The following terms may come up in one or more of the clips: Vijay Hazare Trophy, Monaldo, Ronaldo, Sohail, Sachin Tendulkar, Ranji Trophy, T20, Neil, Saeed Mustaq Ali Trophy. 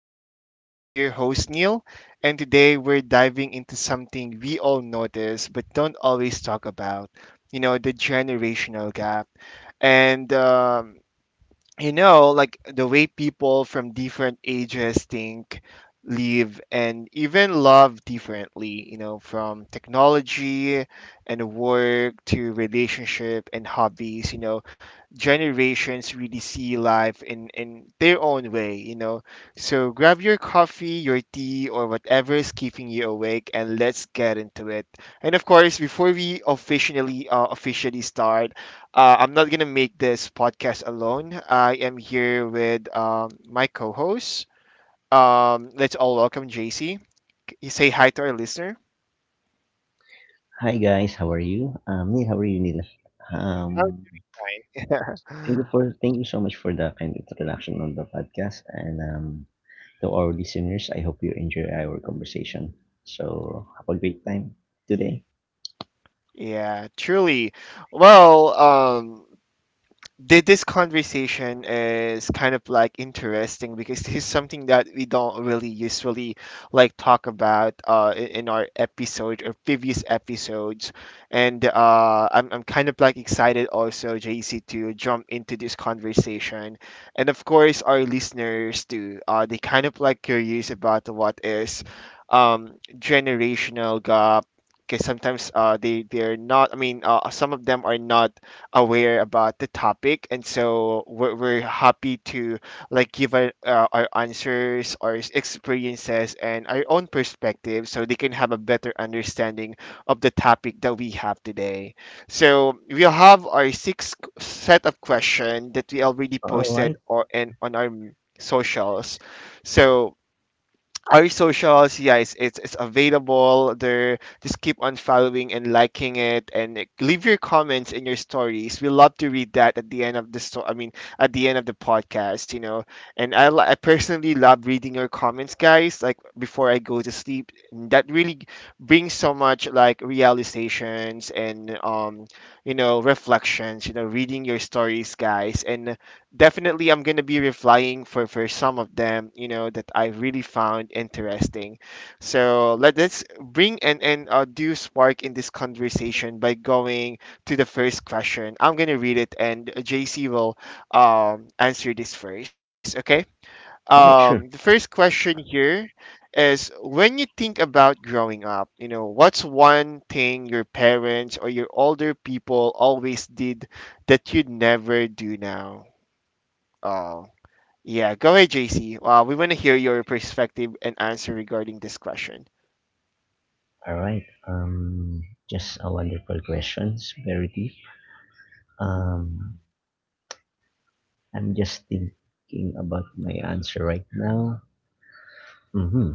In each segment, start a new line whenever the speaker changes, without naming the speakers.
podcast. I'm your host Neil, and today we're diving into something we all notice but don't always talk about. You know, the generational gap. And like the way people from different ages think, live, and even love differently, you know, from technology and work to relationship and hobbies, you know, generations really see life in their own way, you know. So grab your coffee, your tea, or whatever is keeping you awake, and let's get into it. And of course, before we officially officially start, I'm not gonna make this podcast alone. I am here with my co-host. Let's all welcome JC. You say hi to our listener.
Hi guys, how are you? Neil, how are you, Neil?
Oh,
Um,
fine.
Thank you so much for the kind introduction on the podcast, and to our listeners, I hope you enjoy our conversation. So have a great time today.
Yeah, truly. Well, this conversation is kind of like interesting because this is something that we don't really usually like talk about in our episode or previous episodes, and I'm kind of like excited also, JC, to jump into this conversation, and of course our listeners too. They kind of like curious about what is generational gap. Because sometimes they they're not. I mean, some of them are not aware about the topic, and so we're happy to like give our answers, our experiences, and our own perspective, so they can have a better understanding of the topic that we have today. So we'll have our sixth set of question that we already
All
posted
right,
or and on our socials. So our socials, yeah, it's available there. Just keep on following and liking it, and leave your comments in your stories. We love to read that at the end of the at the end of the podcast, you know. And I personally love reading your comments, guys, like before I go to sleep. That really brings so much like realizations and you know, reflections, you know, reading your stories, guys. And definitely I'm gonna be replying for some of them, you know, that I really found interesting. So let's bring and do spark in this conversation by going to the first question. I'm gonna read it, and JC will answer this first. Okay.
sure.
The first question here is, when you think about growing up, you know, what's one thing your parents or your older people always did that you'd never do now? Um, yeah, go ahead, JC. We want to hear your perspective and answer regarding this question.
All right. Just a wonderful questions, very deep. Um, I'm just thinking about my answer right now. Hmm.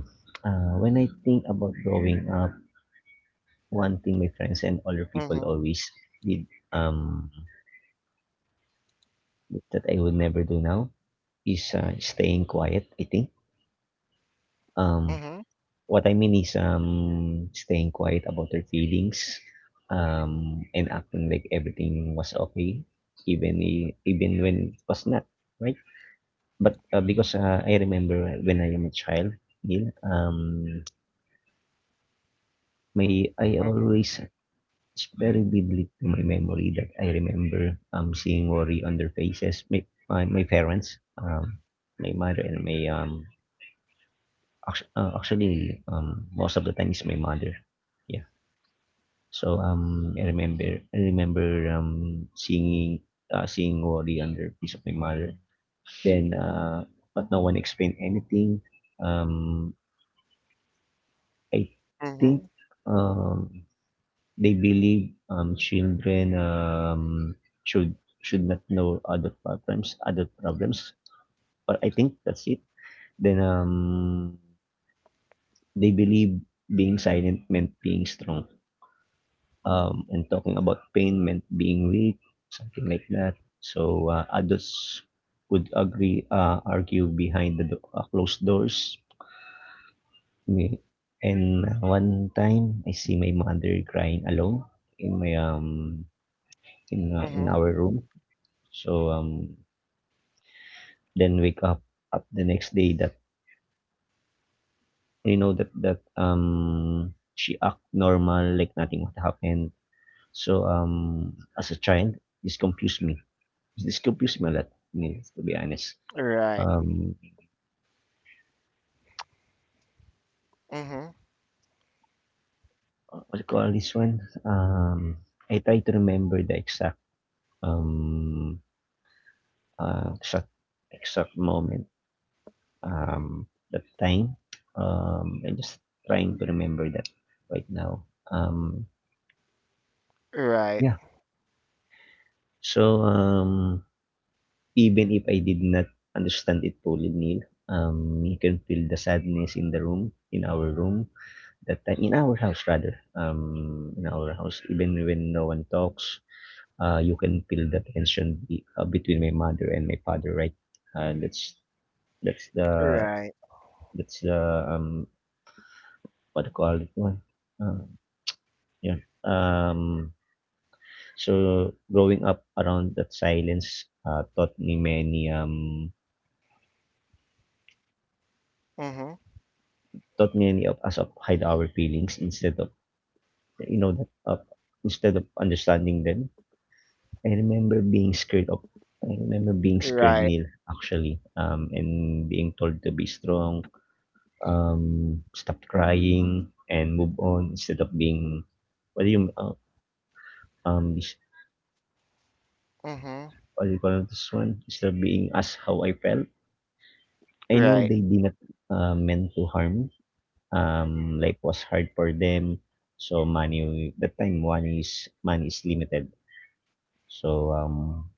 When I think about growing up, one thing my friends and other people
Mm-hmm.
always did that I would never do now is staying quiet, I think. Um,
Mm-hmm.
what I mean is staying quiet about their feelings and acting like everything was okay, even when it was not, right? I remember when I am a child still, my I
Mm-hmm.
always, it's very vivid to my memory that I remember, seeing worry on their faces. My parents, my mother and my, actually, most of the time it's my mother. Yeah. So, I remember, seeing worry on their face of my mother. Then, uh, but no one explained anything. Um, I think
Mm-hmm.
um, they believe children should should not know adult problems, adult problems. But I think that's it. Then They believe being silent meant being strong, and talking about pain meant being weak, something like that. So adults would argue behind the closed doors. Me And one time I see my mother crying alone in my um in our
Mm-hmm.
room. So um then wake up the next day that, you know, that she act normal like nothing what happened. So as a child this confused me. This confused me a lot. I mean, to be honest.
Right.
Um
Mm-hmm.
what do you call this one? I try to remember the exact um uh, exact exact moment um, that time. I'm just trying to remember that right now. Um, yeah.
Right.
So um, Even if I did not understand it fully, Neil, you can feel the sadness in the room, in our room, that time, in our house rather, in our house. Even when no one talks, you can feel the tension between my mother and my father, right? Uh, that's that's the
Right.
that's the um what do you call it one. Uh, Yeah. So growing up around that silence taught me many
Mm-hmm.
taught many of us of hide our feelings instead of, you know, that of instead of understanding them. I remember being scared of I remember being scared, Neil,
Right.
actually, and being told to be strong, stop crying and move on instead of being, what do you this
Mm-hmm.
what do you call this one instead of being asked how I felt. I know they
Right.
did not meant to harm. Life was hard for them, so money, that time, money is limited. So um,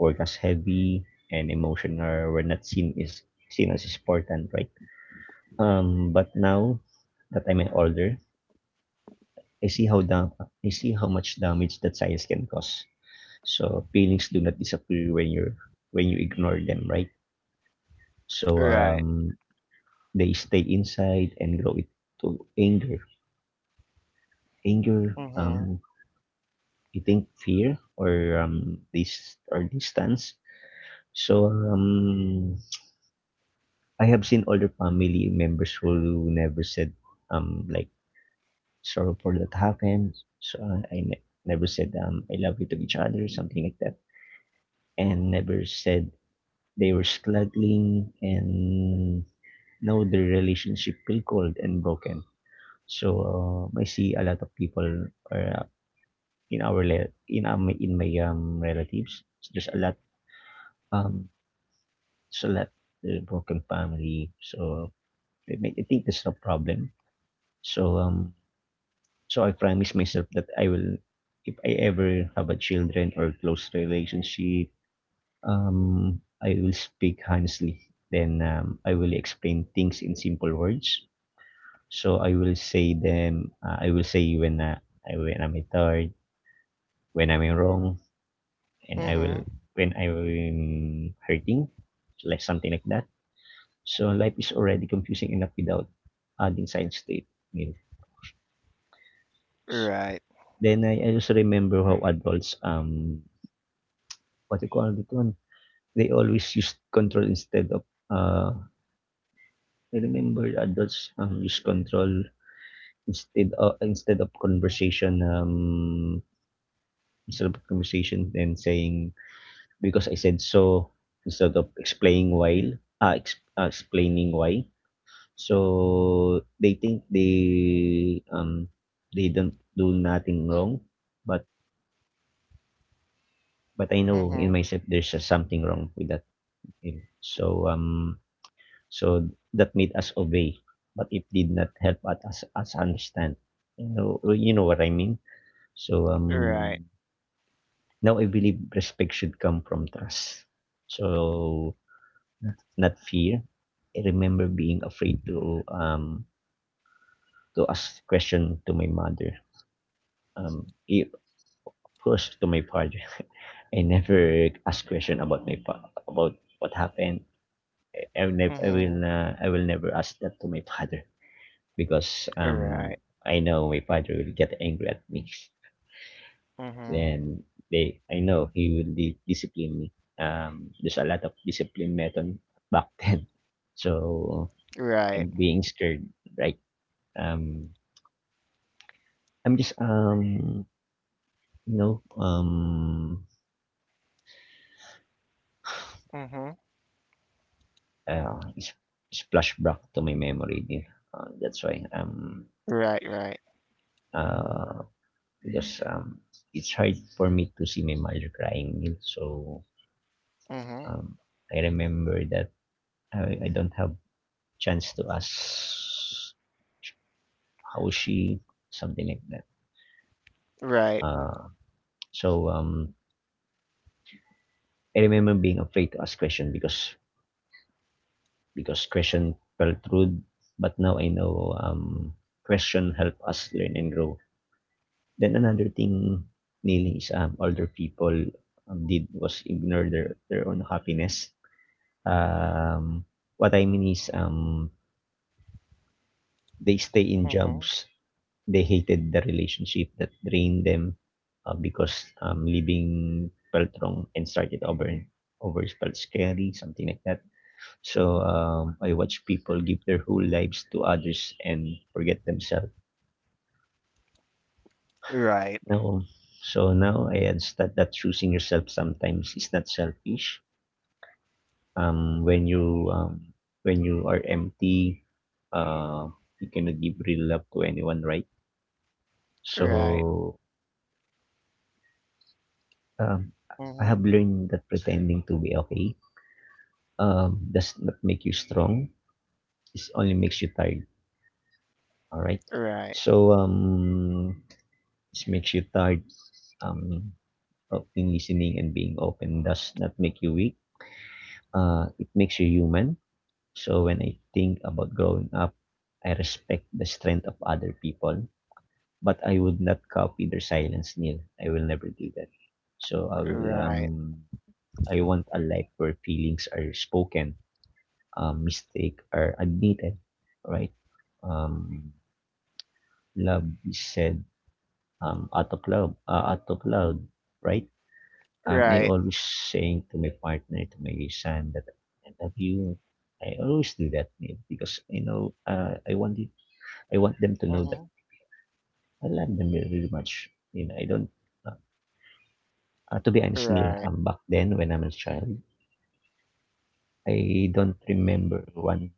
Work as heavy and emotional were not seen as important, right? But now that I'm an older, I see I see how much damage that science can cause. So feelings do not disappear when you ignore them, right? So
Right.
um, they stay inside and grow it to anger,
Mm-hmm.
I think fear or this or distance. So um, I have seen older family members who never said, like, sorry for that happened. Never said, I love you, to each other, something like that, and never said they were struggling, and now the relationship feel cold and broken. So I see a lot of people are in our le- in my relatives. There's a lot Um, left the broken family. So I think that's no problem. So um, so I promise myself that I will, if I ever have a children or close relationship, I will speak honestly. Then I will explain things in simple words. So I will say them. I will say when I'm tired, when I'm wrong, and I will
Mm-hmm.
when I'm hurting, like something like that. So life is already confusing enough without adding science statement.
Right.
Then I also remember how adults, what you call it one they always use control instead of, I remember adults use control instead of conversation, and saying, because I said so, instead of explaining why ah ex, ah, explaining why. So they think they don't do nothing wrong, but I know in
Mm-hmm.
myself there's something wrong with that. eh. So um so that made us obey, but it did not help us understand. You know well, you know what I mean. So
Right.
now I believe respect should come from trust. So not, not fear. I remember being afraid to ask question to my mother, um, i- pushed to my father. I never ask question about about what happened.
Mm-hmm.
I will never ask that to my father because
Right.
I know my father will get angry at me.
Mm-hmm.
Then they I know he will discipline me. There's a lot of discipline method back then, so I'm
Right.
being scared. Right? Um, I'm just you know
Mm-hmm.
Is Flashback to my memory there. That's why
Right. Right.
uh because It's hard for me to see my mother crying, Neil. So
Mm-hmm.
um I remember that I don't have chance to ask how she, something like that.
Right.
Uh so I remember being afraid to ask question because question felt rude, but now I know question help us learn and grow. Then another thing, nailing is older people did was ignore their own happiness. Um, what I mean is they stay in
Mm-hmm.
jobs they hated, the relationship that drained them, because leaving felt wrong and started over felt scary, something like that. I watch people give their whole lives to others and forget themselves.
Right.
Now, Now I understand that choosing yourself sometimes is not selfish, um, when you um, when you are empty, uh, you cannot give real love to anyone, right?
Right.
So um, I have
Mm-hmm.
learned that pretending to be okay does not make you strong. It only makes you tired. All right.
Right.
So um, it makes you tired. Um, of Being listening and being open does not make you weak. It makes you human. So when I think about growing up, I respect the strength of other people, but I would not copy their silence, Neil. I will never do that. So I will
Right.
um I want a life where feelings are spoken, mistakes are admitted, right? Um, Love is said out of love, out of loud, right? I
Right.
always saying to my partner, to my son, that I love you. I always do that, Neil, because you know, I want them to know that
Mhm.
I love them very much. You know, I don't to be honest, Neil,
Right.
back then when I'm a child, I don't remember one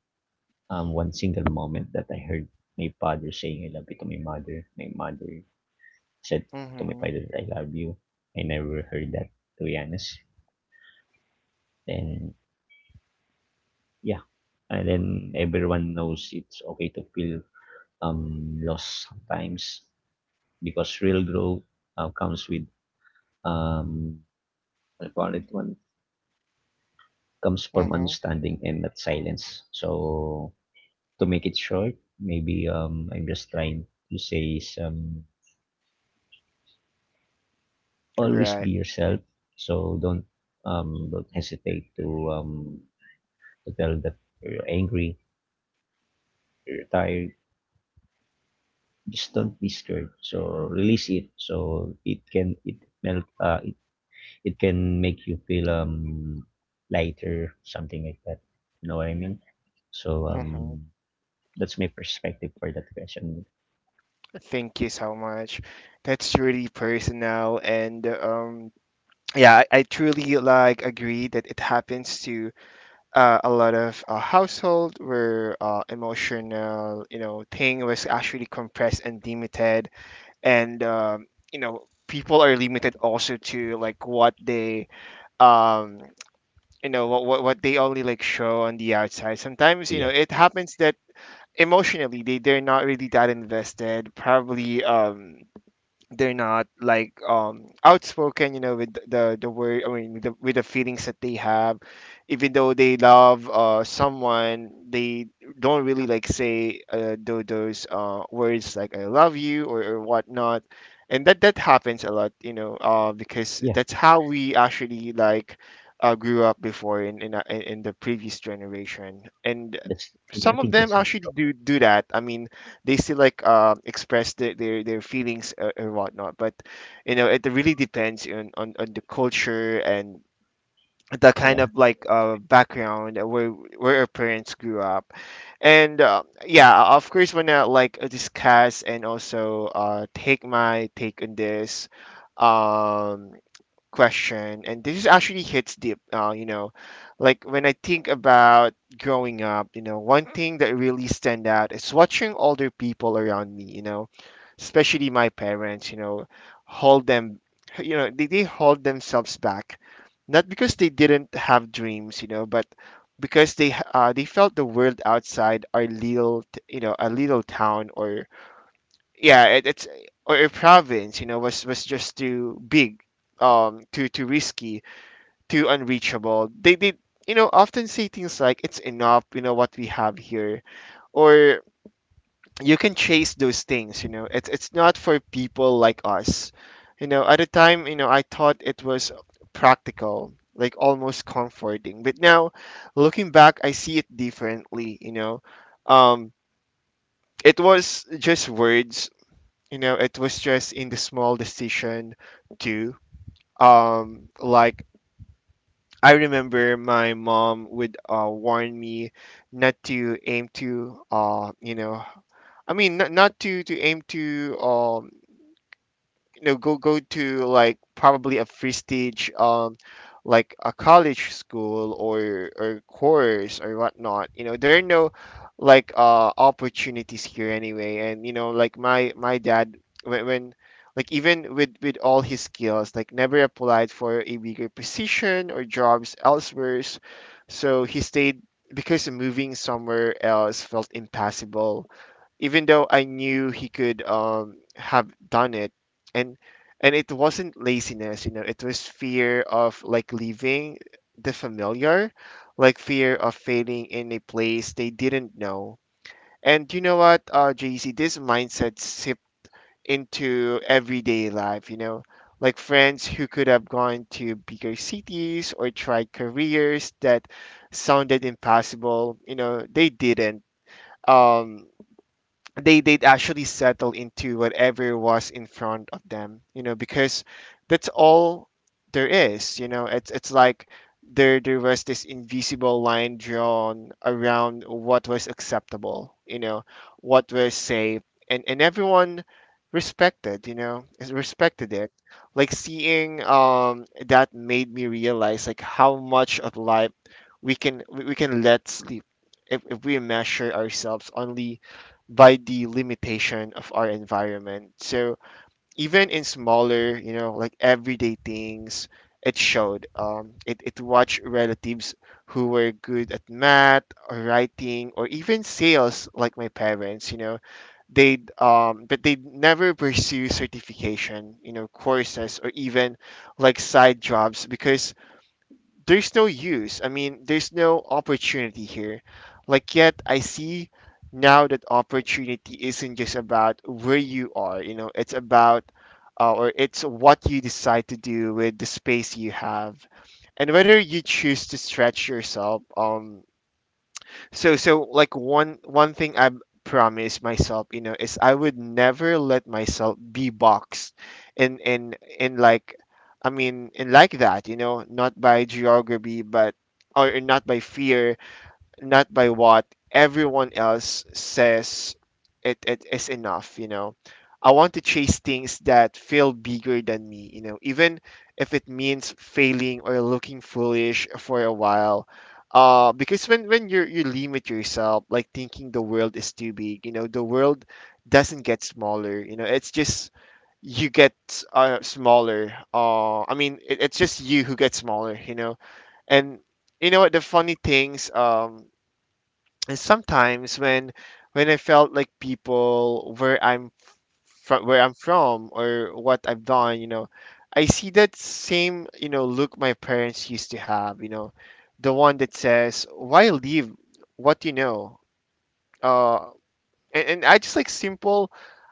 um one single moment that I heard my father saying I love you to my mother. My mother said to my
Mhm.
father, I love you. I never heard that, to be honest. And yeah, and then everyone knows it's okay to feel lost sometimes, because real growth comes with, um I call it one comes from
Mhm.
understanding and not silence. To make it short, maybe I'm just trying to say is, always
Right.
be yourself. So don't hesitate um, to tell that you're angry, you're tired. Just don't be scared. So release it. So it can it melt. It can make you feel lighter, something like that. You know what I mean? So
Mhm.
um, that's my perspective for that question.
Thank you so much. That's really personal, and yeah, I truly like agree that it happens to a lot of household where emotional, you know, thing was actually compressed and limited, and you know, people are limited also to like what they um you know what what they only like show on the outside. Sometimes you know
Yeah,
it happens that emotionally they they're not really that invested probably. They're not like outspoken, you know, with the word I mean with with the feelings that they have. Even though they love someone, they don't really like say those words like I love you, or whatnot. And that happens a lot, you know, because
yeah.
that's how we actually like grew up before in in the previous generation. And
That's I
some of
think
them
that's
actually do that. I mean, they still like express their feelings and whatnot. But you know, it really depends on the culture and the kind
Yeah.
of like background where our parents grew up. And yeah, of course, wanna like discuss and also take my take on this. Um, Question, and this is actually hits deep. You know, like when I think about growing up, you know, one thing that really stand out is watching older people around me. You know, especially my parents. You know, hold them. You know, they hold themselves back, not because they didn't have dreams. You know, but because they felt the world outside our you know, a little town or yeah it's or a province, you know, was just too big, too too risky, too unreachable. They you know often say things like, it's enough, you know, what we have here, or you can chase those things, you know, it's not for people like us. You know, at the time, you know, I thought it was practical, like almost comforting, but now looking back, I see it differently, you know. um it was just words, you know, it was just in the small decision too. Like, I remember my mom would warn me not to aim to not to aim to you know, go to like probably a prestige like a college school or course or whatnot. You know, there are no like opportunities here anyway. And you know, like my dad, when, like even with all his skills, like never applied for a bigger position or jobs elsewhere. So he stayed because moving somewhere else felt impossible, even though I knew he could have done it. and and it wasn't laziness, you know, it was fear of like leaving the familiar, like fear of failing in a place they didn't know. And you know what, JC, this mindset sipped into everyday life, you know, like friends who could have gone to bigger cities or tried careers that sounded impossible, you know, they didn't. Um, they'd actually settle into whatever was in front of them, you know, because that's all there is, you know. It's like there was this invisible line drawn around what was acceptable, you know, what was safe, and everyone respected, you know, respected it. Like seeing that made me realize like how much of life we can we can let sleep if we measure ourselves only by the limitation of our environment. So even in smaller, you know, like everyday things, it showed. It it watched relatives who were good at math or writing or even sales, like my parents, you know. They'd never pursue certification, you know, courses or even like side jobs because there's no use. I mean, there's no opportunity here. Like, yet I see now that opportunity isn't just about where you are, you know, it's about or it's what you decide to do with the space you have and whether you choose to stretch yourself. So so like one thing I promised myself, you know, is I would never let myself be boxed in in in like in like that, you know, not by geography but or not by fear, not by what everyone else says it is enough, you know. I want to chase things that feel bigger than me, you know, even if it means failing or looking foolish for a while. Because when you limit yourself, like thinking the world is too big, you know, the world doesn't get smaller, you know, it's just you get smaller. It it,'s just you who gets smaller, you know. And you know what? The funny things. And sometimes when I felt like people where I'm from or what I've done, you know, I see that same, you know, look my parents used to have, you know, the one that says, why leave what you know? Uh, and I just like simple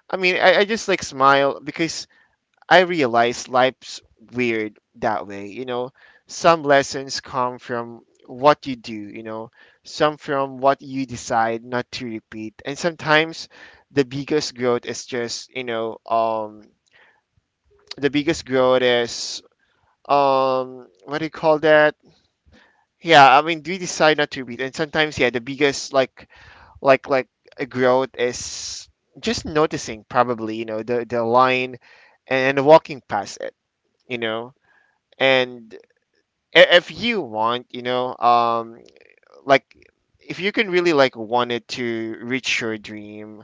I mean I just like smile because I realize life's weird that way. You know, some lessons come from what you do, you know, some from what you decide not to repeat. And sometimes the biggest growth is just, you know, the biggest growth is, what do you call that? Yeah, I mean, we decide not to repeat. And sometimes, yeah, the biggest, like, like, a growth is just noticing probably, you know, the line and walking past it, you know. And if you want, you know, like if you can really like wanted to reach your dream,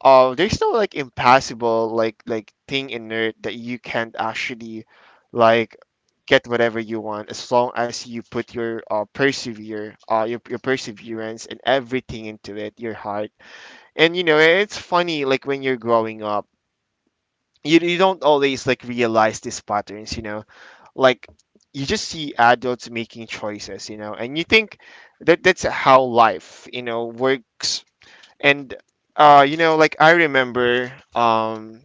there's no like impossible like thing in it that you can't actually like get whatever you want, as long as you put your persevere your perseverance and everything into it, your heart. And you know, it's funny, like when you're growing up, you don't always like realize these patterns, you know. like you just see adults making choices, you know, and you think that That's how life, you know, works. And you know, like I remember,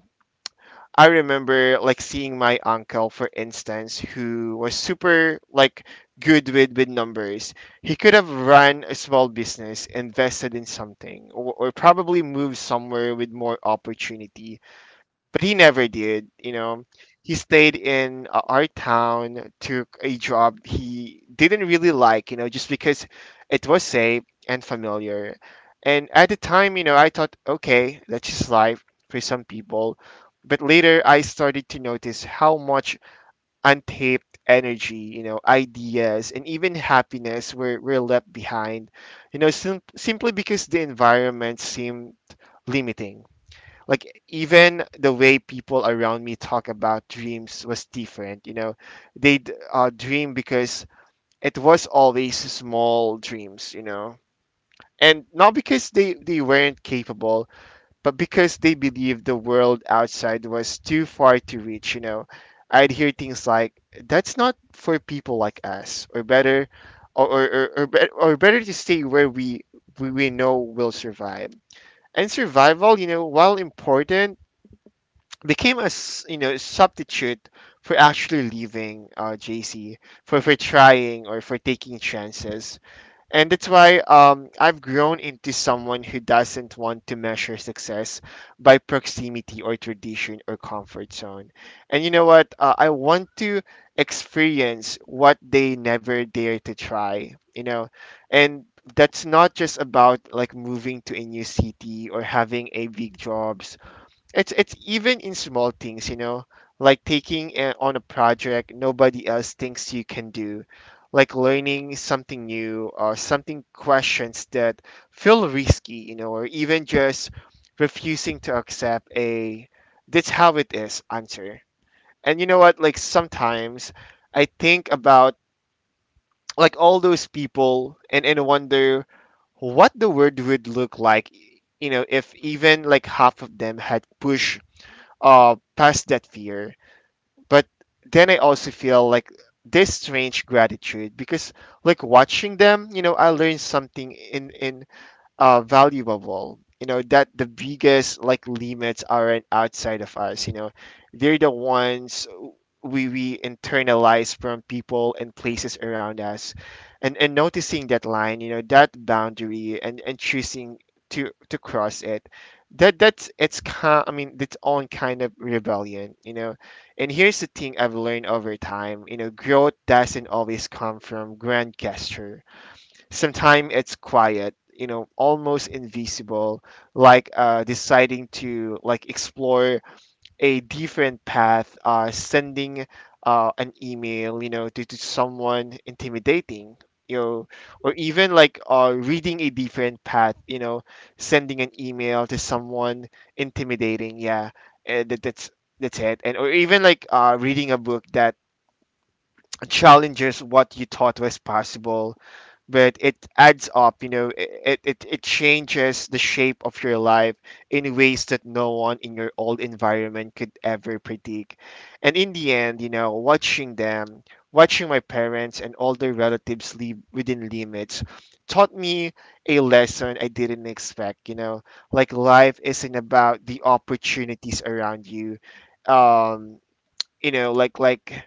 I remember like seeing my uncle, for instance, who was super like good with numbers. He could have run a small business, invested in something, or, probably moved somewhere with more opportunity, but he never did. You know, he stayed in our town, took a job he didn't really like. You know, just because it was safe and familiar. And at the time, you know, I thought, okay, that's just life for some people. But later, I started to notice how much untapped energy, you know, ideas, and even happiness were left behind. You know, simply because the environment seemed limiting. Like even the way people around me talk about dreams was different, you know. They'd dream because it was always small dreams, you know. And not because they weren't capable, but because they believed the world outside was too far to reach, you know. I'd hear things like, that's not for people like us, or better, or better to stay where we know will survive. And survival, you know, while important, became a substitute for actually leaving, JC, for trying or for taking chances. And that's why, I've grown into someone who doesn't want to measure success by proximity or tradition or comfort zone. And you know what? I want to experience what they never dare to try. You know, and that's not just about like moving to a new city or having a big job. It's even in small things, you know, like taking a, on a project nobody else thinks you can do, like learning something new, or something questions that feel risky, you know, or even just refusing to accept a that's how it is answer. And you know what, like sometimes I think about like all those people and wonder what the world would look like, you know, if even like half of them had pushed past that fear. But then I also feel like this strange gratitude, because like watching them, you know, I learned something in valuable. You know, that the biggest like limits aren't outside of us. You know, they're the ones we internalize from people and places around us. And noticing that line. You know, that boundary, and choosing to cross it. That that's it's kind. I mean, its own kind of rebellion. You know, and here's the thing I've learned over time. You know, growth doesn't always come from grand gesture. Sometimes it's quiet, you know, almost invisible, like deciding to like explore a different path, sending an email, you know, to someone intimidating, you know. Or even like reading a different path, you know, sending an email to someone intimidating. Yeah, uh, that, that's that's it. And or even like reading a book that challenges what you thought was possible. But it adds up, you know. It changes the shape of your life in ways that no one in your old environment could ever predict. And in the end, you know, watching them, watching my parents and older relatives live within limits, taught me a lesson I didn't expect, you know. Like life isn't about the opportunities around you. um you know, like like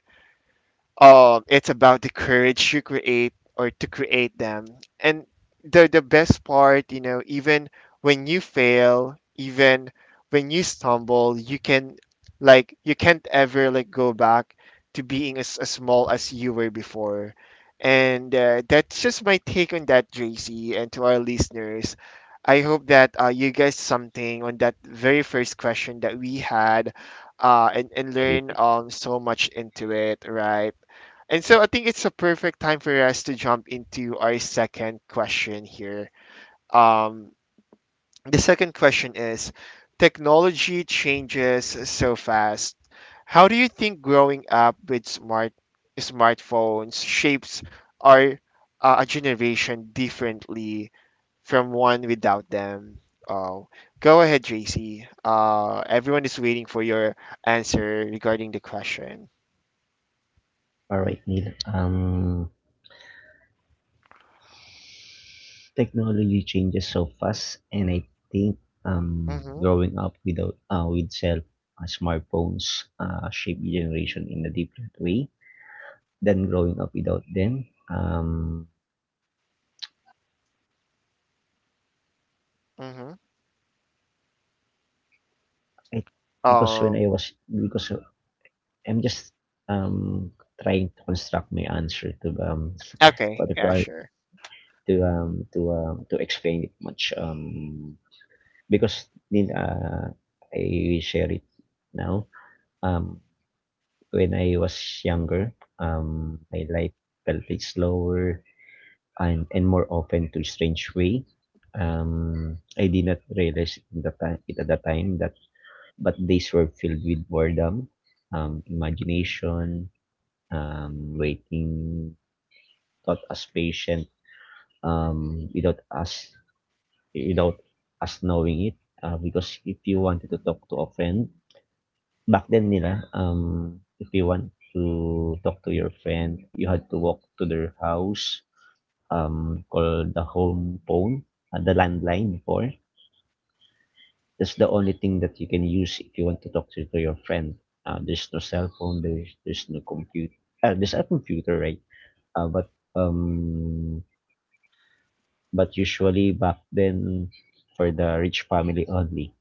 um, it's about the courage to create, or to create them. And the best part, you know, even when you fail, even when you stumble, you can you can't ever like go back to being as, small as you were before. And that's just my take on that, JC, and to our listeners. I hope that you guys something on that very first question that we had, and,
That is.
learn so much into it, right? And so I think it's a perfect time for us to jump into our second question here. Um, the second question is, technology changes so fast. How do you think growing up with smartphones shapes our a generation differently from one without them? Oh, go ahead, JC. Everyone is waiting for your answer regarding the question.
All right, Neil. Technology changes so fast, and I think
Mm-hmm.
growing up without with cell smartphones shaped the generation in a different way than growing up without them.
Mm-hmm.
I, because when I
Um,
was because I'm just um trying to construct my answer to what
Okay,
do you
yeah,
call it
sure.
to explain it much, because then I share it now. Um, when I was younger, my life felt like slower and more often to strange way. I did not realize it at the time, but days were filled with boredom, imagination, waiting, taught us patient, um, without us, without us knowing it. Because if you wanted to talk to a friend, back then nila, if you want to talk to your friend, you had to walk to their house, call the home phone, the landline before. That's the only thing that you can use if you want to talk to your friend. There's no cell phone, there's no computer. There's a computer, right? Uh, but um, but usually back then for the rich family only.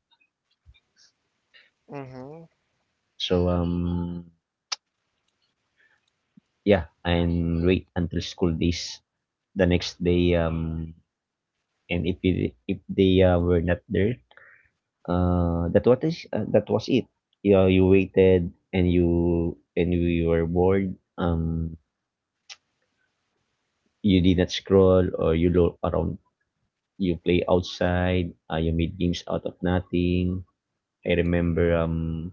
Mm-hmm.
So, yeah, and wait until school days. The next day, and if it, if they were not there, that what is that was it. You waited and you were bored. You did not scroll or you look around. You play outside. You made games out of nothing. I remember,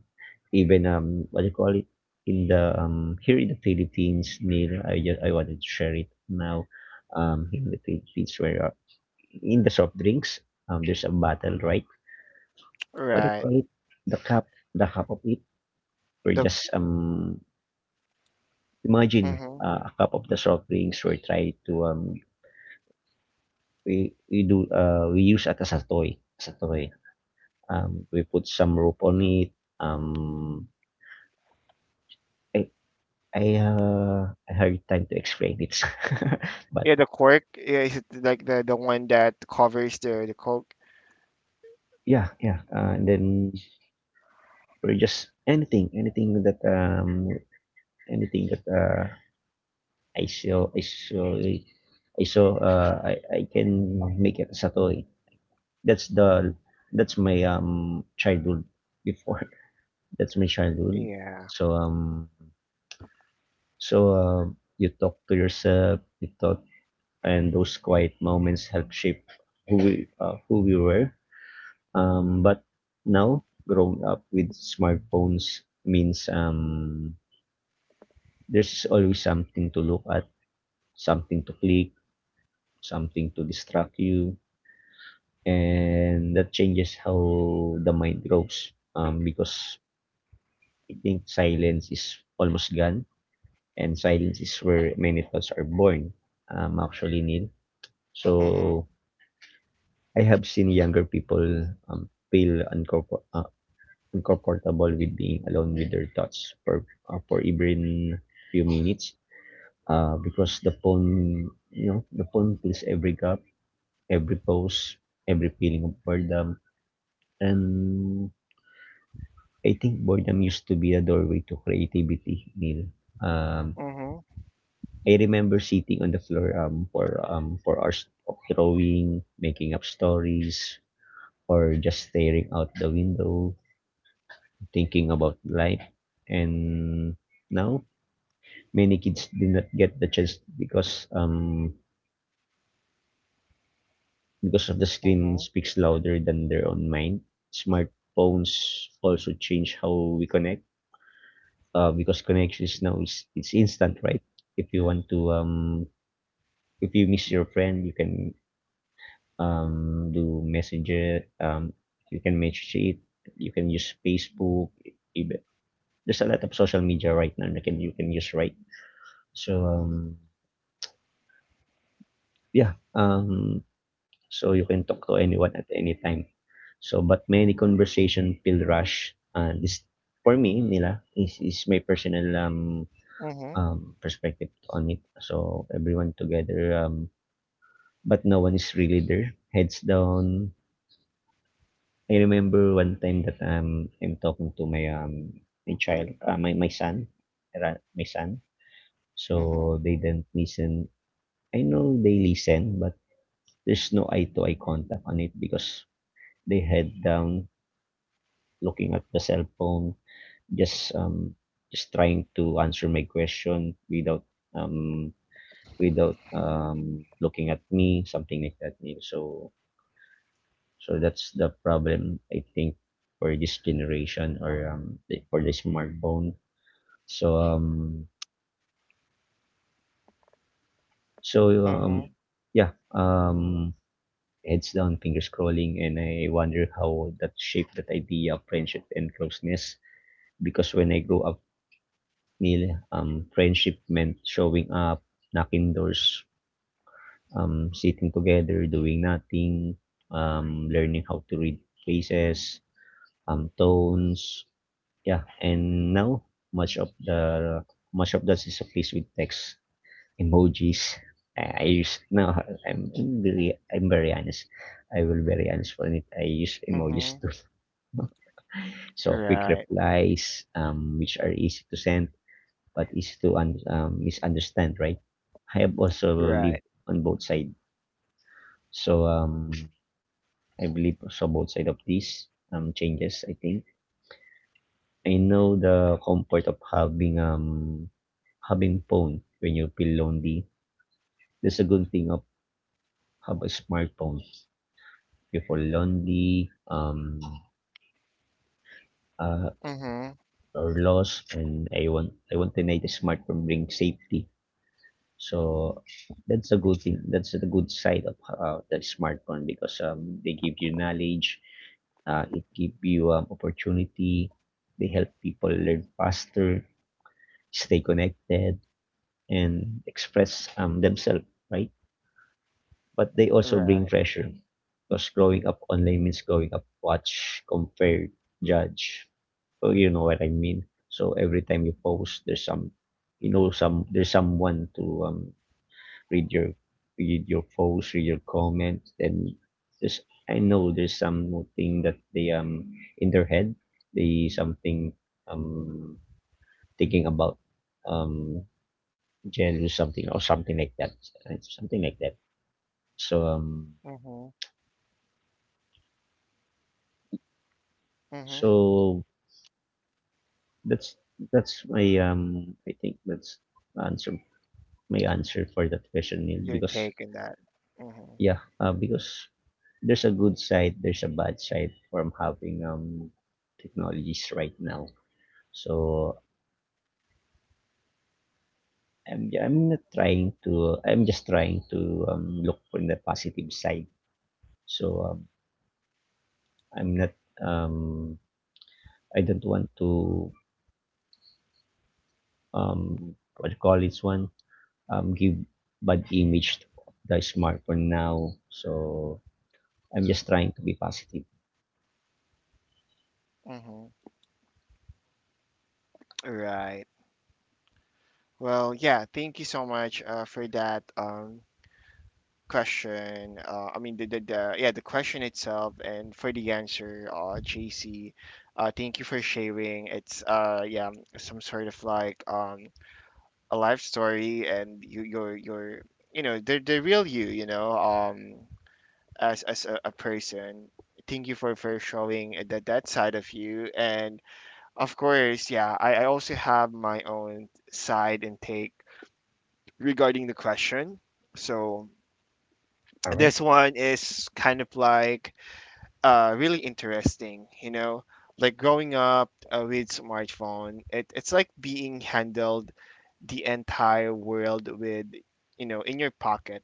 even, what do you call it, in the, here in the Philippines, near I just, I wanted to share it now, here in the Philippines, where, in the soft drinks, there's a battle, right? What do you
Right.
call it? The cup the cup of it, or
The
just, imagine,
mm-hmm.
a cup of the soft drinks. We try to, we use it as a toy. We put some rope on it, um, I I hard time to explain it. But
Yeah, the cork. Yeah, is it like the one that covers the coke?
yeah, yeah, and then, or just anything that, anything that, I saw I saw I saw, I can make it as a toy. That's the that's my childhood before. That's my childhood.
Yeah.
So um so, you talk to yourself, you talk, and those quiet moments help shape who we who we were. But now growing up with smartphones means, there's always something to look at, something to click, something to distract you, and that changes how the mind grows. Because I think silence is almost gone, and silence is where many thoughts are born, actually, Neil.
Mm-hmm.
So, I have seen younger people, feel uncomfortable with being alone with their thoughts for even few minutes, because the phone, the phone fills every gap, every pause, every feeling of boredom. And I think boredom used to be a doorway to creativity, Neil. Um,
Mm-hmm.
I remember sitting on the floor, for hours of drawing, making up stories, or just staring out the window, thinking about life. And now many kids did not get the chance because, because of the screen
Mm-hmm.
speaks louder than their own mind. Smartphones also change how we connect. Because connections now is it's instant, right? If you want to um if you miss your friend, you can, do Messenger. You can message it. You can use Facebook. even- There's a lot of social media right now that can you can use, right. So, yeah, so you can talk to anyone at any time. But many conversation feel rush. This for me nila is my personal
Mm-hmm.
perspective on it. So everyone together, but no one is really there. Heads down. I remember one time that, I'm talking to my son,
Mm-hmm.
so they didn't listen. I know they listen, but there's no eye to eye contact on it because they head down, looking at the cell phone, just um just trying to answer my question, without um without looking at me, something like that, Neil. So that's the problem I think for this generation, for the smartphone. So um so,
Mm-hmm.
yeah, heads down, finger scrolling, and I wonder how that shaped that idea of friendship and closeness. Because when I grew up, Neil, friendship meant showing up, knocking doors, sitting together, doing nothing, learning how to read faces, tones. Yeah, and now much of the much of that is replaced with text, emojis. I use now. I'm very honest. I will very honest for it. I use
Mm-hmm.
emojis too. So quick
Right.
replies, which are easy to send but easy to misunderstand, right? I have also
Right.
lived on both sides, so, I believe also both side of these changes. I think I know the comfort of having phone when you feel lonely. That's a good thing of have a smartphone. If you feel lonely, uh,
Mm-hmm.
or lost, and I want to make the smartphone bring safety. So that's a good thing. That's the good side of, the smartphone because, they give you knowledge. It give you, opportunity. They help people learn faster, stay connected, and express, themselves. Right. But they also bring
Right.
pressure because growing up online means growing up watch, compare, judge. So you know what I mean. So every time you post, there's someone to, read your read your post, read your comment. Then there's I know there's something that they, in their head, they something, um thinking about, um jealous, something or something like that, right? Something like that. So um
Mm-hmm. Mm-hmm.
so, That's that's my I think that's answer my answer for that question, Neil,
You're
because
taking that. Mm-hmm.
yeah, because there's a good side, there's a bad side from having, technologies right now, so I'm not trying to I'm just trying to, look for the positive side, so, I'm not um I don't want to, what you call this one, give bad image to the smartphone now, so I'm just trying to be positive.
Mm-hmm. Right. Well, yeah, thank you so much for that question. I mean the yeah, the question itself and for the answer, JC. Thank you for sharing. It's yeah, some sort of like a life story and you your you know, the real you know, as a person. Thank you for showing that, that side of you. And of course, yeah, I also have my own side and take regarding the question. So
All right.
this one is kind of like really interesting. You know, like growing up with smartphone, it's like being handled the entire world with, you know, in your pocket,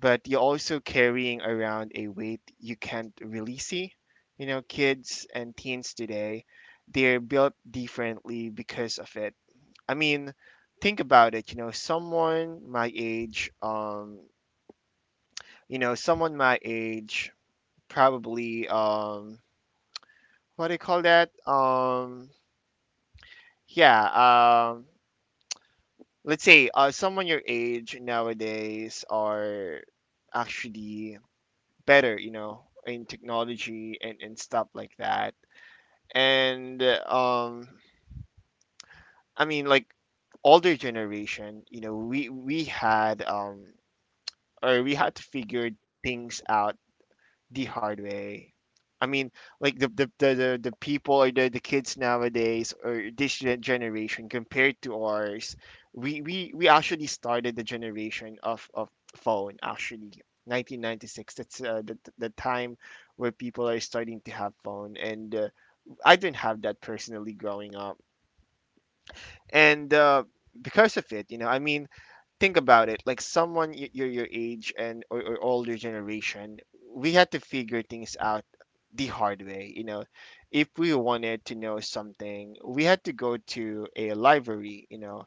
but you're also carrying around a weight you can't really see. You know, kids and teens today, they're built differently because of it. I mean, think about it. You know, someone my age, you know, someone my age probably what do you call that? Yeah. Let's say someone your age nowadays are actually better, you know, in technology and stuff like that. And I mean, like older generation, you know, we had or we had to figure things out the hard way. I mean, like the people, or the kids nowadays, or this generation compared to ours, we actually started the generation of phone actually. 1996, that's the time where people are starting to have phone. And I didn't have that personally growing up. And because of it, you know, I mean, think about it, like someone your age and, or, older generation, we had to figure things out the hard way, you know. If we wanted to know something, we had to go to a library, you know,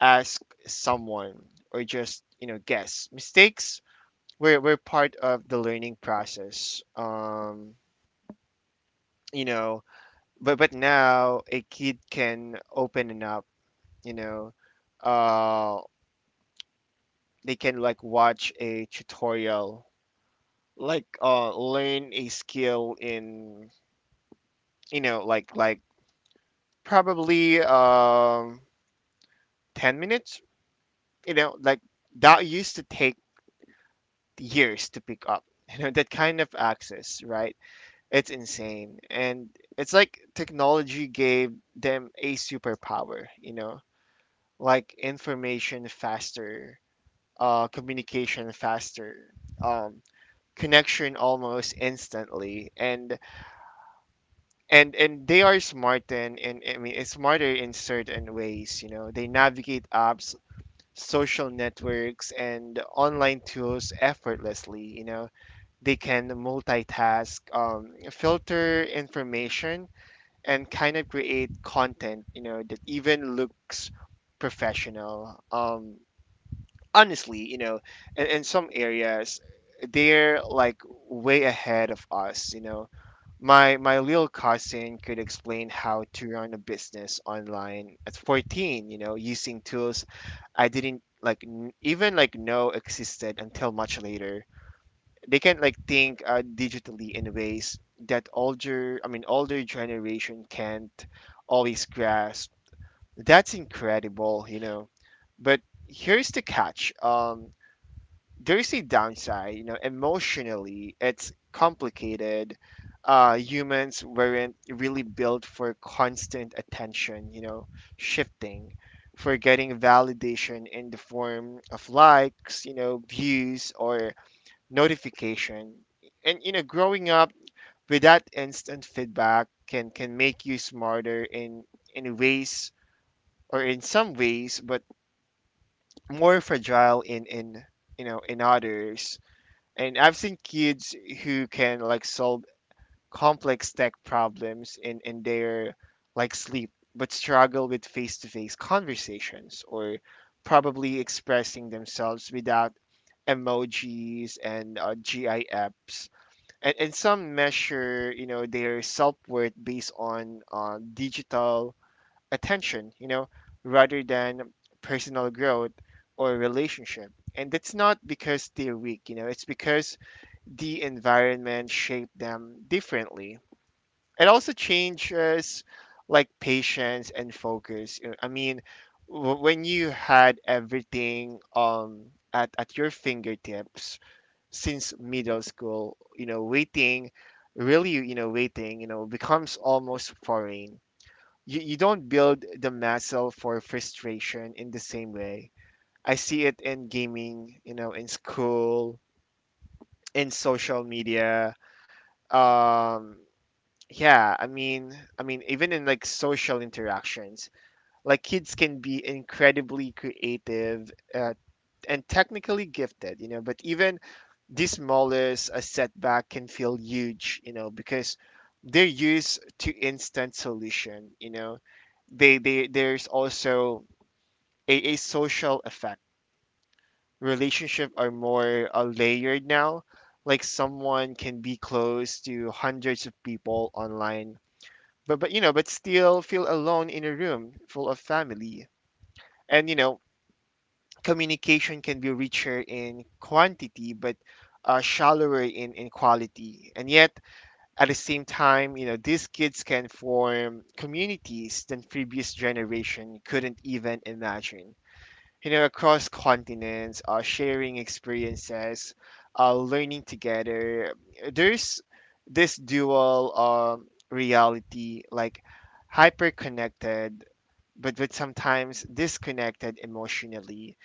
ask someone, or just, you know, guess. Mistakes were part of the learning process. You know but now a kid can open it up, you know. uh they can like watch a tutorial, like learn a skill in, you know, probably 10 minutes, you know, like that used to take years to pick up. You know, that kind of access, right? It's insane. And it's like technology gave them a superpower, you know. Like information faster, communication faster, um connection almost instantly. And and they are smart, and I mean, it's smarter in certain ways. You know, they navigate apps, social networks, and online tools effortlessly. You know, they can multitask, filter information, and kind of create content. You know, that even looks professional. Honestly, you know, in some areas, they're like way ahead of us. You know, my little cousin could explain how to run a business online at 14. You know, using tools I didn't n- even like know existed until much later. They can like think digitally in ways that older, I mean, older generation can't always grasp. That's incredible, you know. But here's the catch. There's a downside, you know. Emotionally it's complicated. Humans weren't really built for constant attention, you know, shifting, for getting validation in the form of likes, you know, views, or notification. And you know, growing up with that instant feedback can make you smarter in ways, or in some ways, but more fragile in you know, in others. And I've seen kids who can like solve complex tech problems in their like sleep, but struggle with face-to-face conversations, or probably expressing themselves without emojis and GIFs. And some measure, you know, their self-worth based on digital attention, you know, rather than personal growth or relationship. And that's not because they're weak, you know, it's because the environment shape them differently. It also changes like patience and focus. You know, I mean, when you had everything at your fingertips since middle school, you know, waiting, really, you know, waiting, you know, becomes almost foreign. You don't build the muscle for frustration in the same way. I see it in gaming, you know, in school, in social media. Um Yeah, I mean, even in like social interactions, like kids can be incredibly creative and technically gifted, you know, but even the smallest a setback can feel huge, you know, because they're used to instant solution, you know. They there's also a social effect. Relationship are more layered now. Like someone can be close to hundreds of people online, but you know, but still feel alone in a room full of family, and you know, communication can be richer in quantity but shallower in quality. And yet at the same time, you know, these kids can form communities that previous generation couldn't even imagine, you know, across continents, sharing experiences, learning together. There's this dual reality, like hyper connected, but sometimes disconnected emotionally.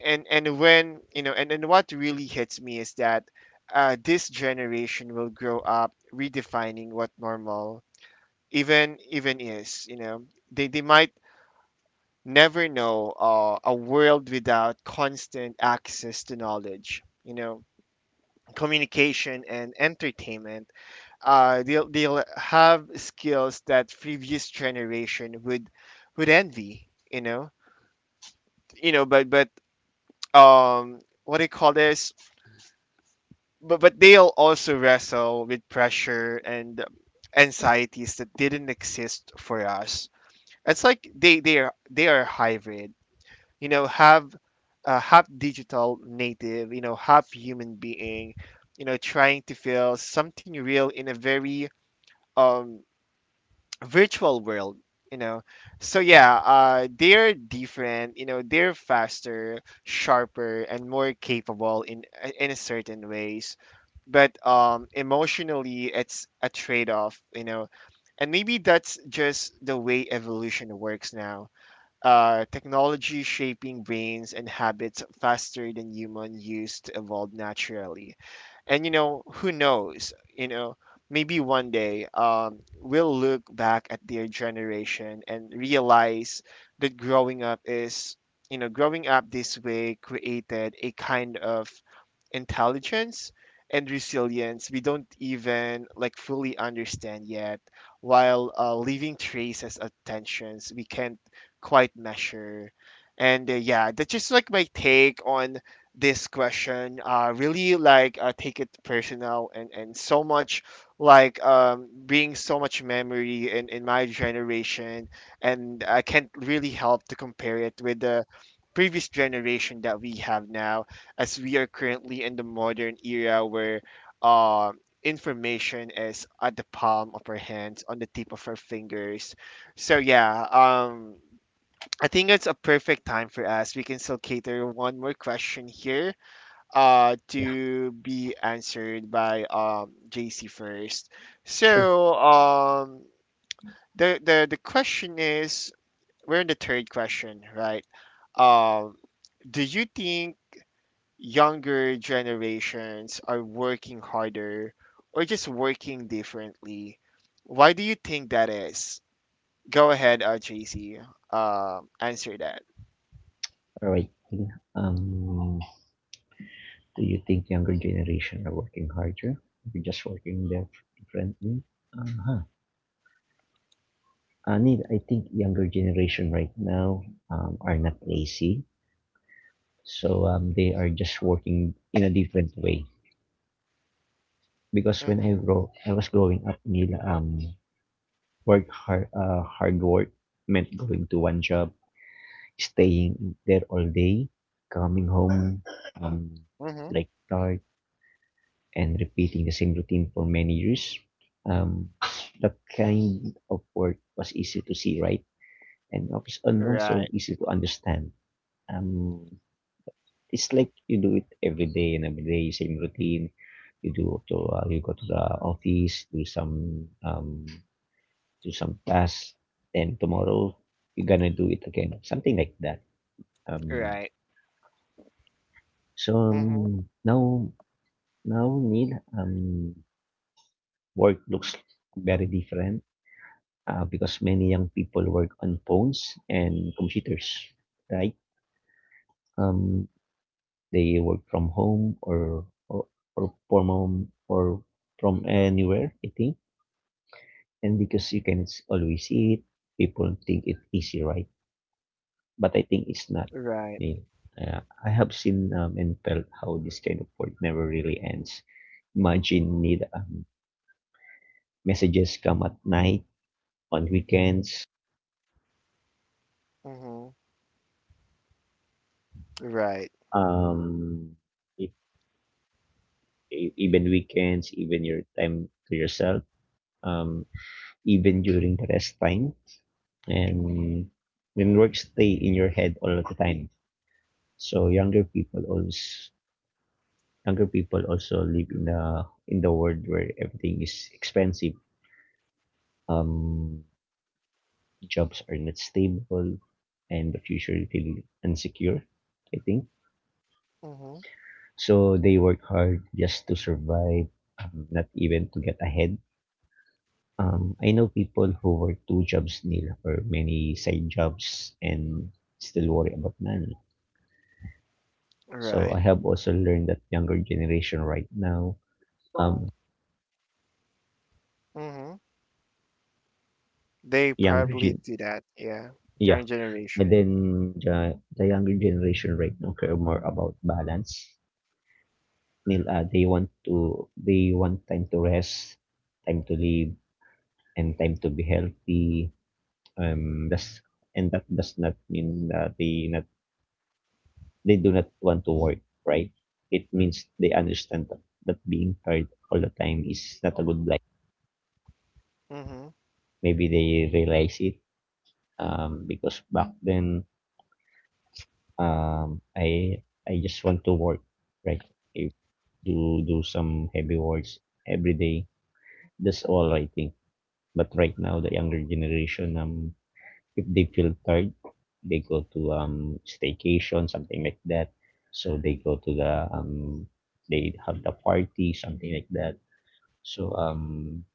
And when you know, and what really hits me is that this generation will grow up redefining what normal even is. You know, they might never know a world without constant access to knowledge, you know, communication and entertainment. They'll have skills that previous generation would envy, you know. You know but what do you call this but they'll also wrestle with pressure and anxieties that didn't exist for us. It's like they are hybrid, you know, half half digital native, you know, half human being, you know, trying to feel something real in a very um virtual world, you know. So yeah, they're different, you know, they're faster, sharper and more capable in certain ways, but emotionally it's a trade-off, you know. And maybe that's just the way evolution works now. Technology shaping brains and habits faster than human used to evolve naturally. And you know, who knows, you know, maybe one day we'll look back at their generation and realize that growing up is you know growing up this way created a kind of intelligence and resilience we don't even like fully understand yet, while leaving traces of tensions we can't quite measure. And yeah, that's just like my take on this question. Really like, take it personal, and so much, like being so much memory in my generation, and I can't really help to compare it with the previous generation that we have now, as we are currently in the modern era where uh, information is at the palm of our hands, on the tip of our fingers. So yeah, I think it's a perfect time for us. We can still cater one more question here
Yeah,
to be answered by JC first.
sure.
So the question is, we're in the third question, right? Um, do you think younger generations are working harder or just working differently? Why do you think that is? Go ahead, JC. Answer that.
All right. Um, do you think younger generation are working harder? We're just working differently. Uh-huh. I mean, I think younger generation right now, are not lazy, so, they are just working in a different way. Because when I
Mm-hmm.
grow, I was growing up, Neil, hard work meant going to one job, staying there all day, coming home, um,
Mm-hmm.
like tired, and repeating the same routine for many years. Um, that kind of work was easy to see, right? And also
Right.
easy to understand. Um, it's like you do it every day and every day, same routine. You go to the office, do some, do some tasks, and tomorrow you're gonna do it again, something like that. Um,
Right.
So,
Mm-hmm.
um, now, Neil, um, work looks very different, because many young people work on phones and computers, right? Um, they work from home, or from anywhere, I think. And because you can always see it, people think it's easy, right? But I think it's not.
Right.
Neil. I have seen, and felt how this kind of work never really ends. Imagine need messages come at night, on weekends,
Mm-hmm. Right.
um, e- even weekends, even your time to yourself, um, even during the rest time, and when work stay in your head all the time. So younger people also live in the world where everything is expensive. Um, Jobs are not stable, and the future feel insecure, I think.
Mm-hmm.
So they work hard just to survive, not even to get ahead. I know people who work two jobs, Neil, or many side jobs, and still worry about money. So I
Right.
have also learned that younger generation right now, Oh, um,
Mm-hmm. They
younger
probably
gen,
do that. Yeah.
yeah,
Young
and
generation.
then the, the younger generation right now care more about balance. Neil, they want time to rest, time to live, and time to be healthy. Does And that does not mean that they do not want to work, right? It means they understand that being tired all the time is not a good life.
Mm-hmm.
Maybe they realize it, because back then, I just want to work, right? If do some heavy works every day. That's all I think. But right now, the younger generation, if they feel tired, they go to, staycation, something like that. So they have the party, something like that. So um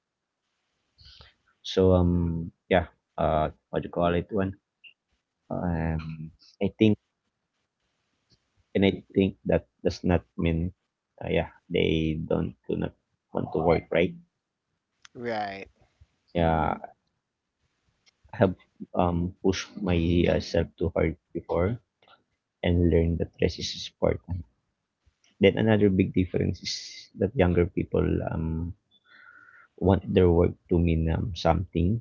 so, yeah, what do you call it one? Um I think I think that does not mean, yeah, they don't do not want to work, right?
Right.
Yeah, I have pushed myself too hard before and learned that rest is a sport. Then another big difference is that younger people, um, want their work to mean, something.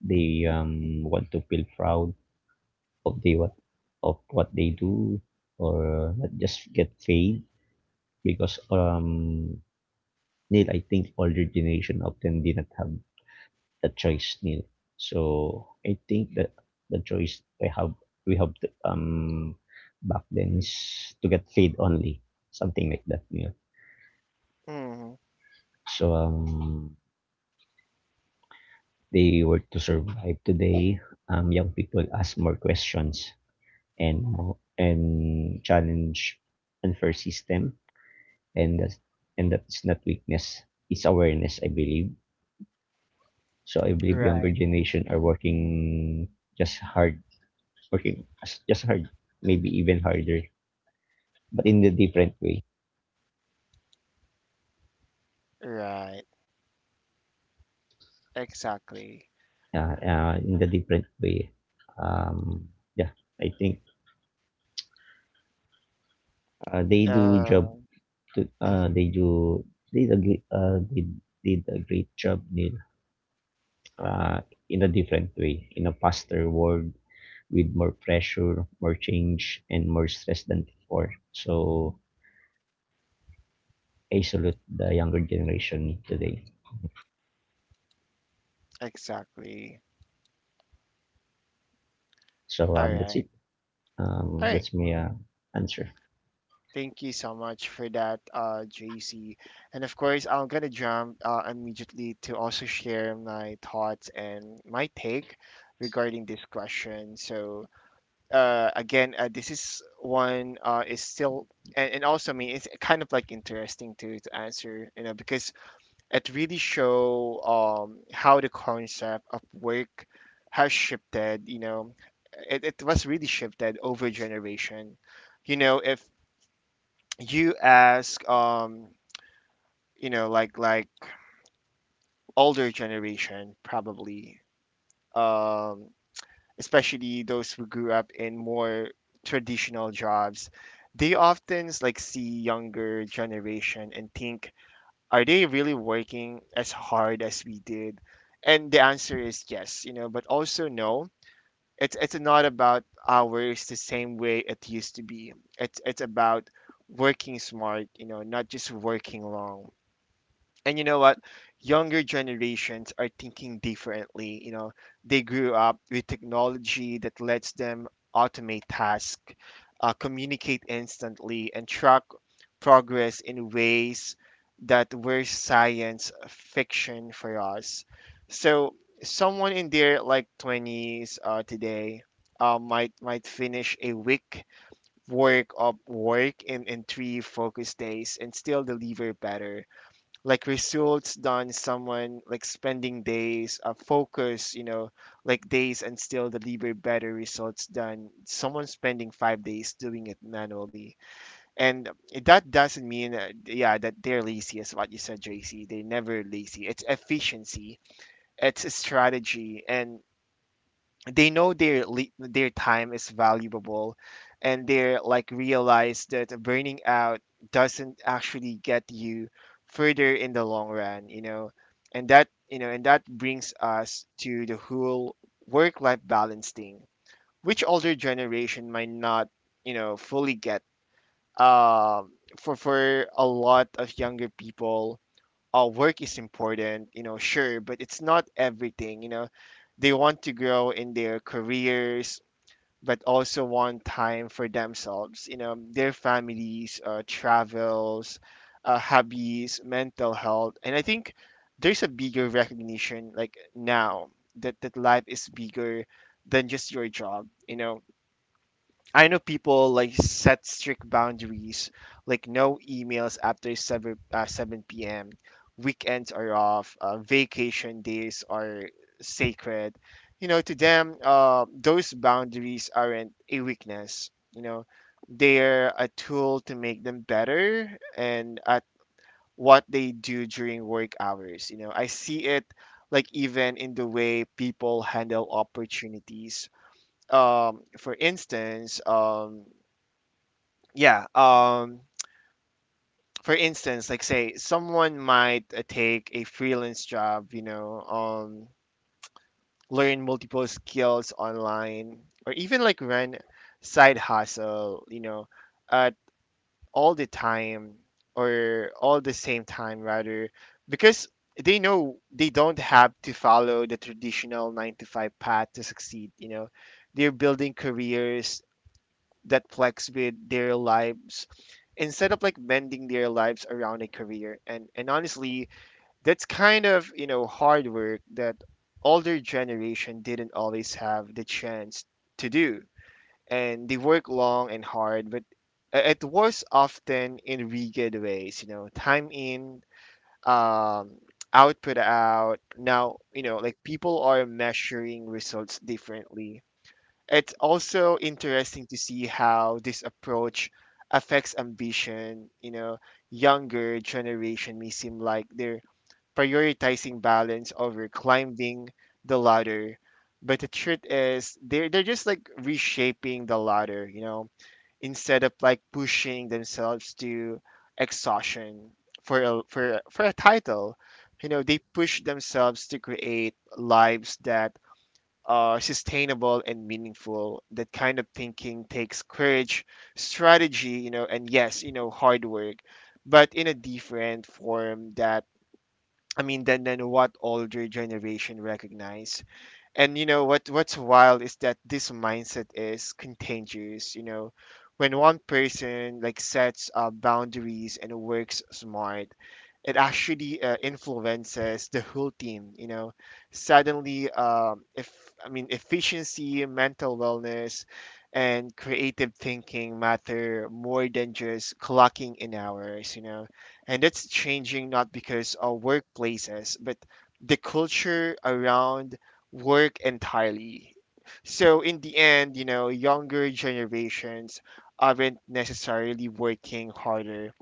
They, want to feel proud of they what of what they do, or not just get paid. Because, Neil, I think older generation often did not have the choice, Neil. So I think that the choice we have, back then is to get paid only, something like that, Neil.
Mm-hmm.
So they work to survive today. Young people ask more questions and challenge unfair system, and that's not weakness. It's awareness, I believe. So I believe younger
Right.
generation are working just hard, working as- just hard, maybe even harder, but in the different way.
Right. Exactly.
In the different way. Um, yeah, I think, they do job
Uh,
to
Mm-hmm.
they do did a great job, Neil, uh, in a different way, in a faster world with more pressure, more change, and more stress than before. So I salute the younger generation today.
exactly.
so
All
um that's
right.
it,
All right.
that's my, answer.
Thank you so much for that, JC. And of course, I'm gonna jump immediately to also share my thoughts and my take regarding this question. So, again, this is one is still, and also, I mean, it's kind of like interesting to answer, you know, because it really show how the concept of work has shifted, you know, it was really shifted over generation. You know, if you ask you know, like older generation probably um especially those who grew up in more traditional jobs, they often like see younger generation and think, are they really working as hard as we did? And the answer is yes, you know, but also no. It's not about hours the same way it used to be. It's about working smart, you know, not just working long. And you know what, younger generations are thinking differently, you know, they grew up with technology that lets them automate tasks, communicate instantly and track progress in ways that were science fiction for us. So someone in their like 20s today might finish a week work of work in three focus days and still deliver better like results done someone like spending days focus, you know, like days, and still deliver better results than someone spending 5 days doing it manually. And that doesn't mean yeah, that they're lazy. As what you said, JC, they're never lazy. It's efficiency, it's strategy, and they know their time is valuable, and they're like realize that burning out doesn't actually get you further in the long run, you know. And that brings us to the whole work life balance thing, which older generation might not, you know, fully get. um for a lot of younger people, work is important, you know, sure, but it's not everything, you know. They want to grow in their careers, but also want time for themselves, you know, their families, travels, hobbies, mental health. And I think there's a bigger recognition, like now, that life is bigger than just your job, you know. I know people like set strict boundaries, like no emails after 7 p.m., weekends are off, vacation days are sacred. You know, to them, those boundaries aren't a weakness. You know, they're a tool to make them better and at what they do during work hours. You know, I see it like even in the way people handle opportunities, um, for instance, um, yeah um, for instance, like say someone might take a freelance job, you know, learn multiple skills online, or even like run side hustle, you know, at all the time or all the same time, rather, because they know they don't have to follow the traditional 9 to 5 path to succeed, you know. They're building careers that flex with their lives, instead of like bending their lives around a career. And honestly, that's kind of, you know, hard work that older generation didn't always have the chance to do. And they work long and hard, but it was often in really ways, you know, time in, um output out now, you know, like people are measuring results differently. It's also interesting to see how this approach affects ambition. You know, younger generation may seem like they're prioritizing balance over climbing the ladder, but the truth is they're just like reshaping the ladder. You know, instead of like pushing themselves to exhaustion for a title, you know, they push themselves to create lives that are sustainable and meaningful. That kind of thinking takes courage, strategy, you know, and yes, you know, hard work, but in a different form that, I mean, than what older generation recognize. And you know what, what's wild is that this mindset is contagious, you know. When one person like sets boundaries and works smart, it actually influences the whole team, you know. Suddenly, if I mean efficiency, mental wellness, and creative thinking matter more than just clocking in hours, you know. And that's changing not because of workplaces, but the culture around work entirely. So in the end, you know, younger generations aren't necessarily working harder.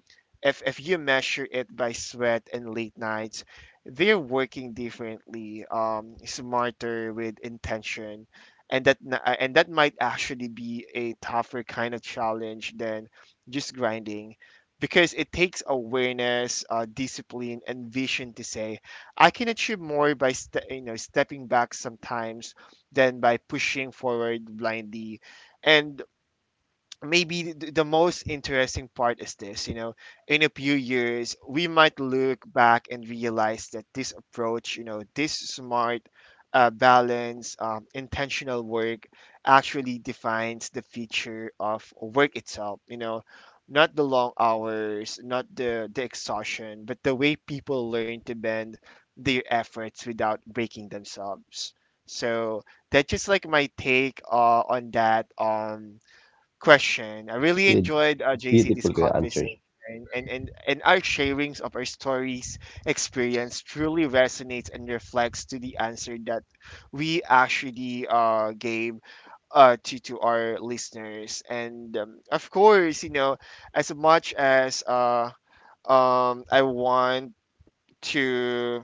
If you measure it by sweat and late nights, they're working differently, smarter with intention, and that might actually be a tougher kind of challenge than just grinding, because it takes awareness, discipline, and vision to say I can achieve more by you know, stepping back sometimes than by pushing forward blindly. And maybe the most interesting part is this, you know. In a few years we might look back and realize that this approach, you know, this smart balance, intentional work actually defines the feature of work itself, you know, not the long hours, not the exhaustion, but the way people learn to bend their efforts without breaking themselves. So that's just like my take, on that question. I
It's
really
good.
enjoyed,
It's
JC, this
beautiful your answer.
conversation, and our sharings of our stories experience truly resonates and reflects to the answer that we actually gave to our listeners. And of course, you know, as much as I want to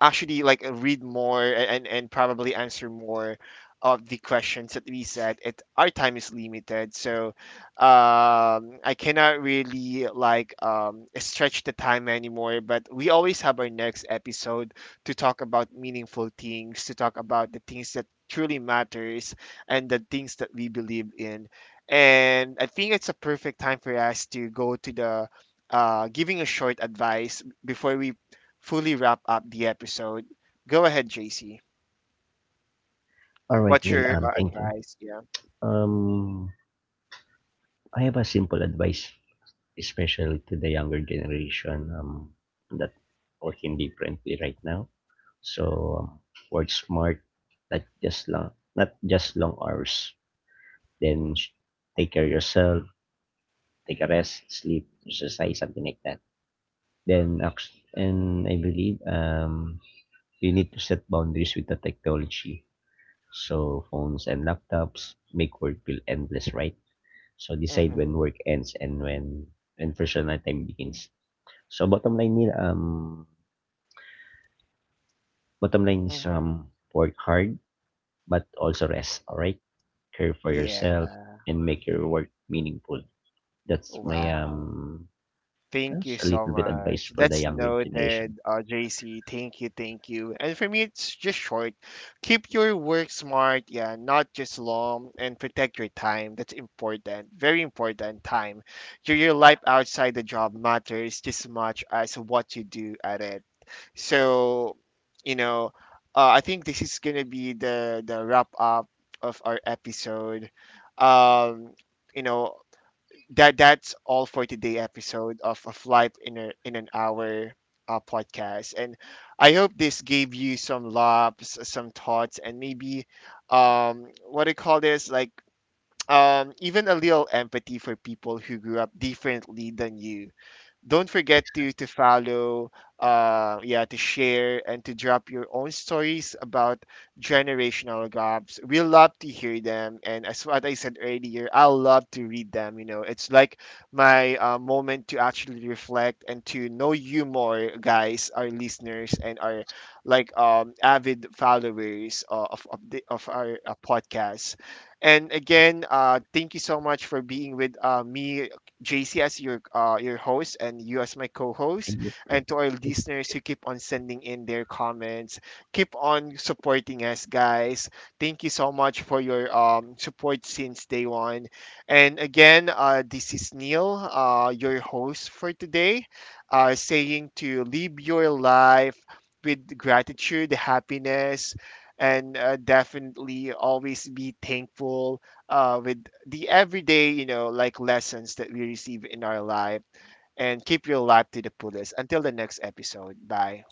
actually like read more, and probably answer more of the questions that we said it, our time is limited. So I cannot really like stretch the time anymore, but we always have our next episode to talk about meaningful things, to talk about the things that truly matters and the things that we believe in. And I think it's a perfect time for us to go to the giving a short advice before we fully wrap up the episode. Go ahead, JC.
All right,
What's
Neil,
your
thank you.
advice? Yeah.
um I have a simple advice especially to the younger generation, that working differently right now. So, um, work smart, not just long, not just long hours. Then take care of yourself, take a rest, sleep, exercise, something like that. And I believe, we need to set boundaries with the technology. So phones and laptops make work feel endless, right? So decide when
Mm-hmm.
work ends and when personal time begins. So bottom line is,
Mm-hmm.
work hard, but also rest. All right, care for yourself
Yeah.
and make your work meaningful. That's my
Wow.
um,
Thank you
that's a
so
little bit advice
much.
for the
That's
younger generation.
noted, JC. Thank you, thank you. And for me, it's just short. Keep your work smart, yeah, not just long, and protect your time. That's important, very important. Time. Your life outside the job matters just as much as what you do at it. So, you know, I think this is gonna be the wrap up of our episode. Um, you know, that that's all for today episode of life in a, in an hour podcast, and I hope this gave you some laughs, some thoughts, and maybe what do you call this like. Even a little empathy for people who grew up differently than you. Don't forget
Thanks.
to follow, yeah, to share and to drop your own stories about generational gaps. We love to hear them, and as what I said earlier, I love to read them. You know, it's like my moment to actually reflect and to know you more, guys, our listeners and our like avid followers of our podcast. And again, thank you so much for being with, me, JC, as your host, and you as my co-host,
Thank you for-
and to our
Thank
listeners
you.
who keep on sending in their comments, keep on supporting us, guys. Thank you so much for your support since day one. And again, this is Neil, your host for today, saying to live your life with gratitude, happiness, and definitely always be thankful with the everyday, you know, like lessons that we receive in our life, and keep your life to the fullest. Until the next episode. Bye.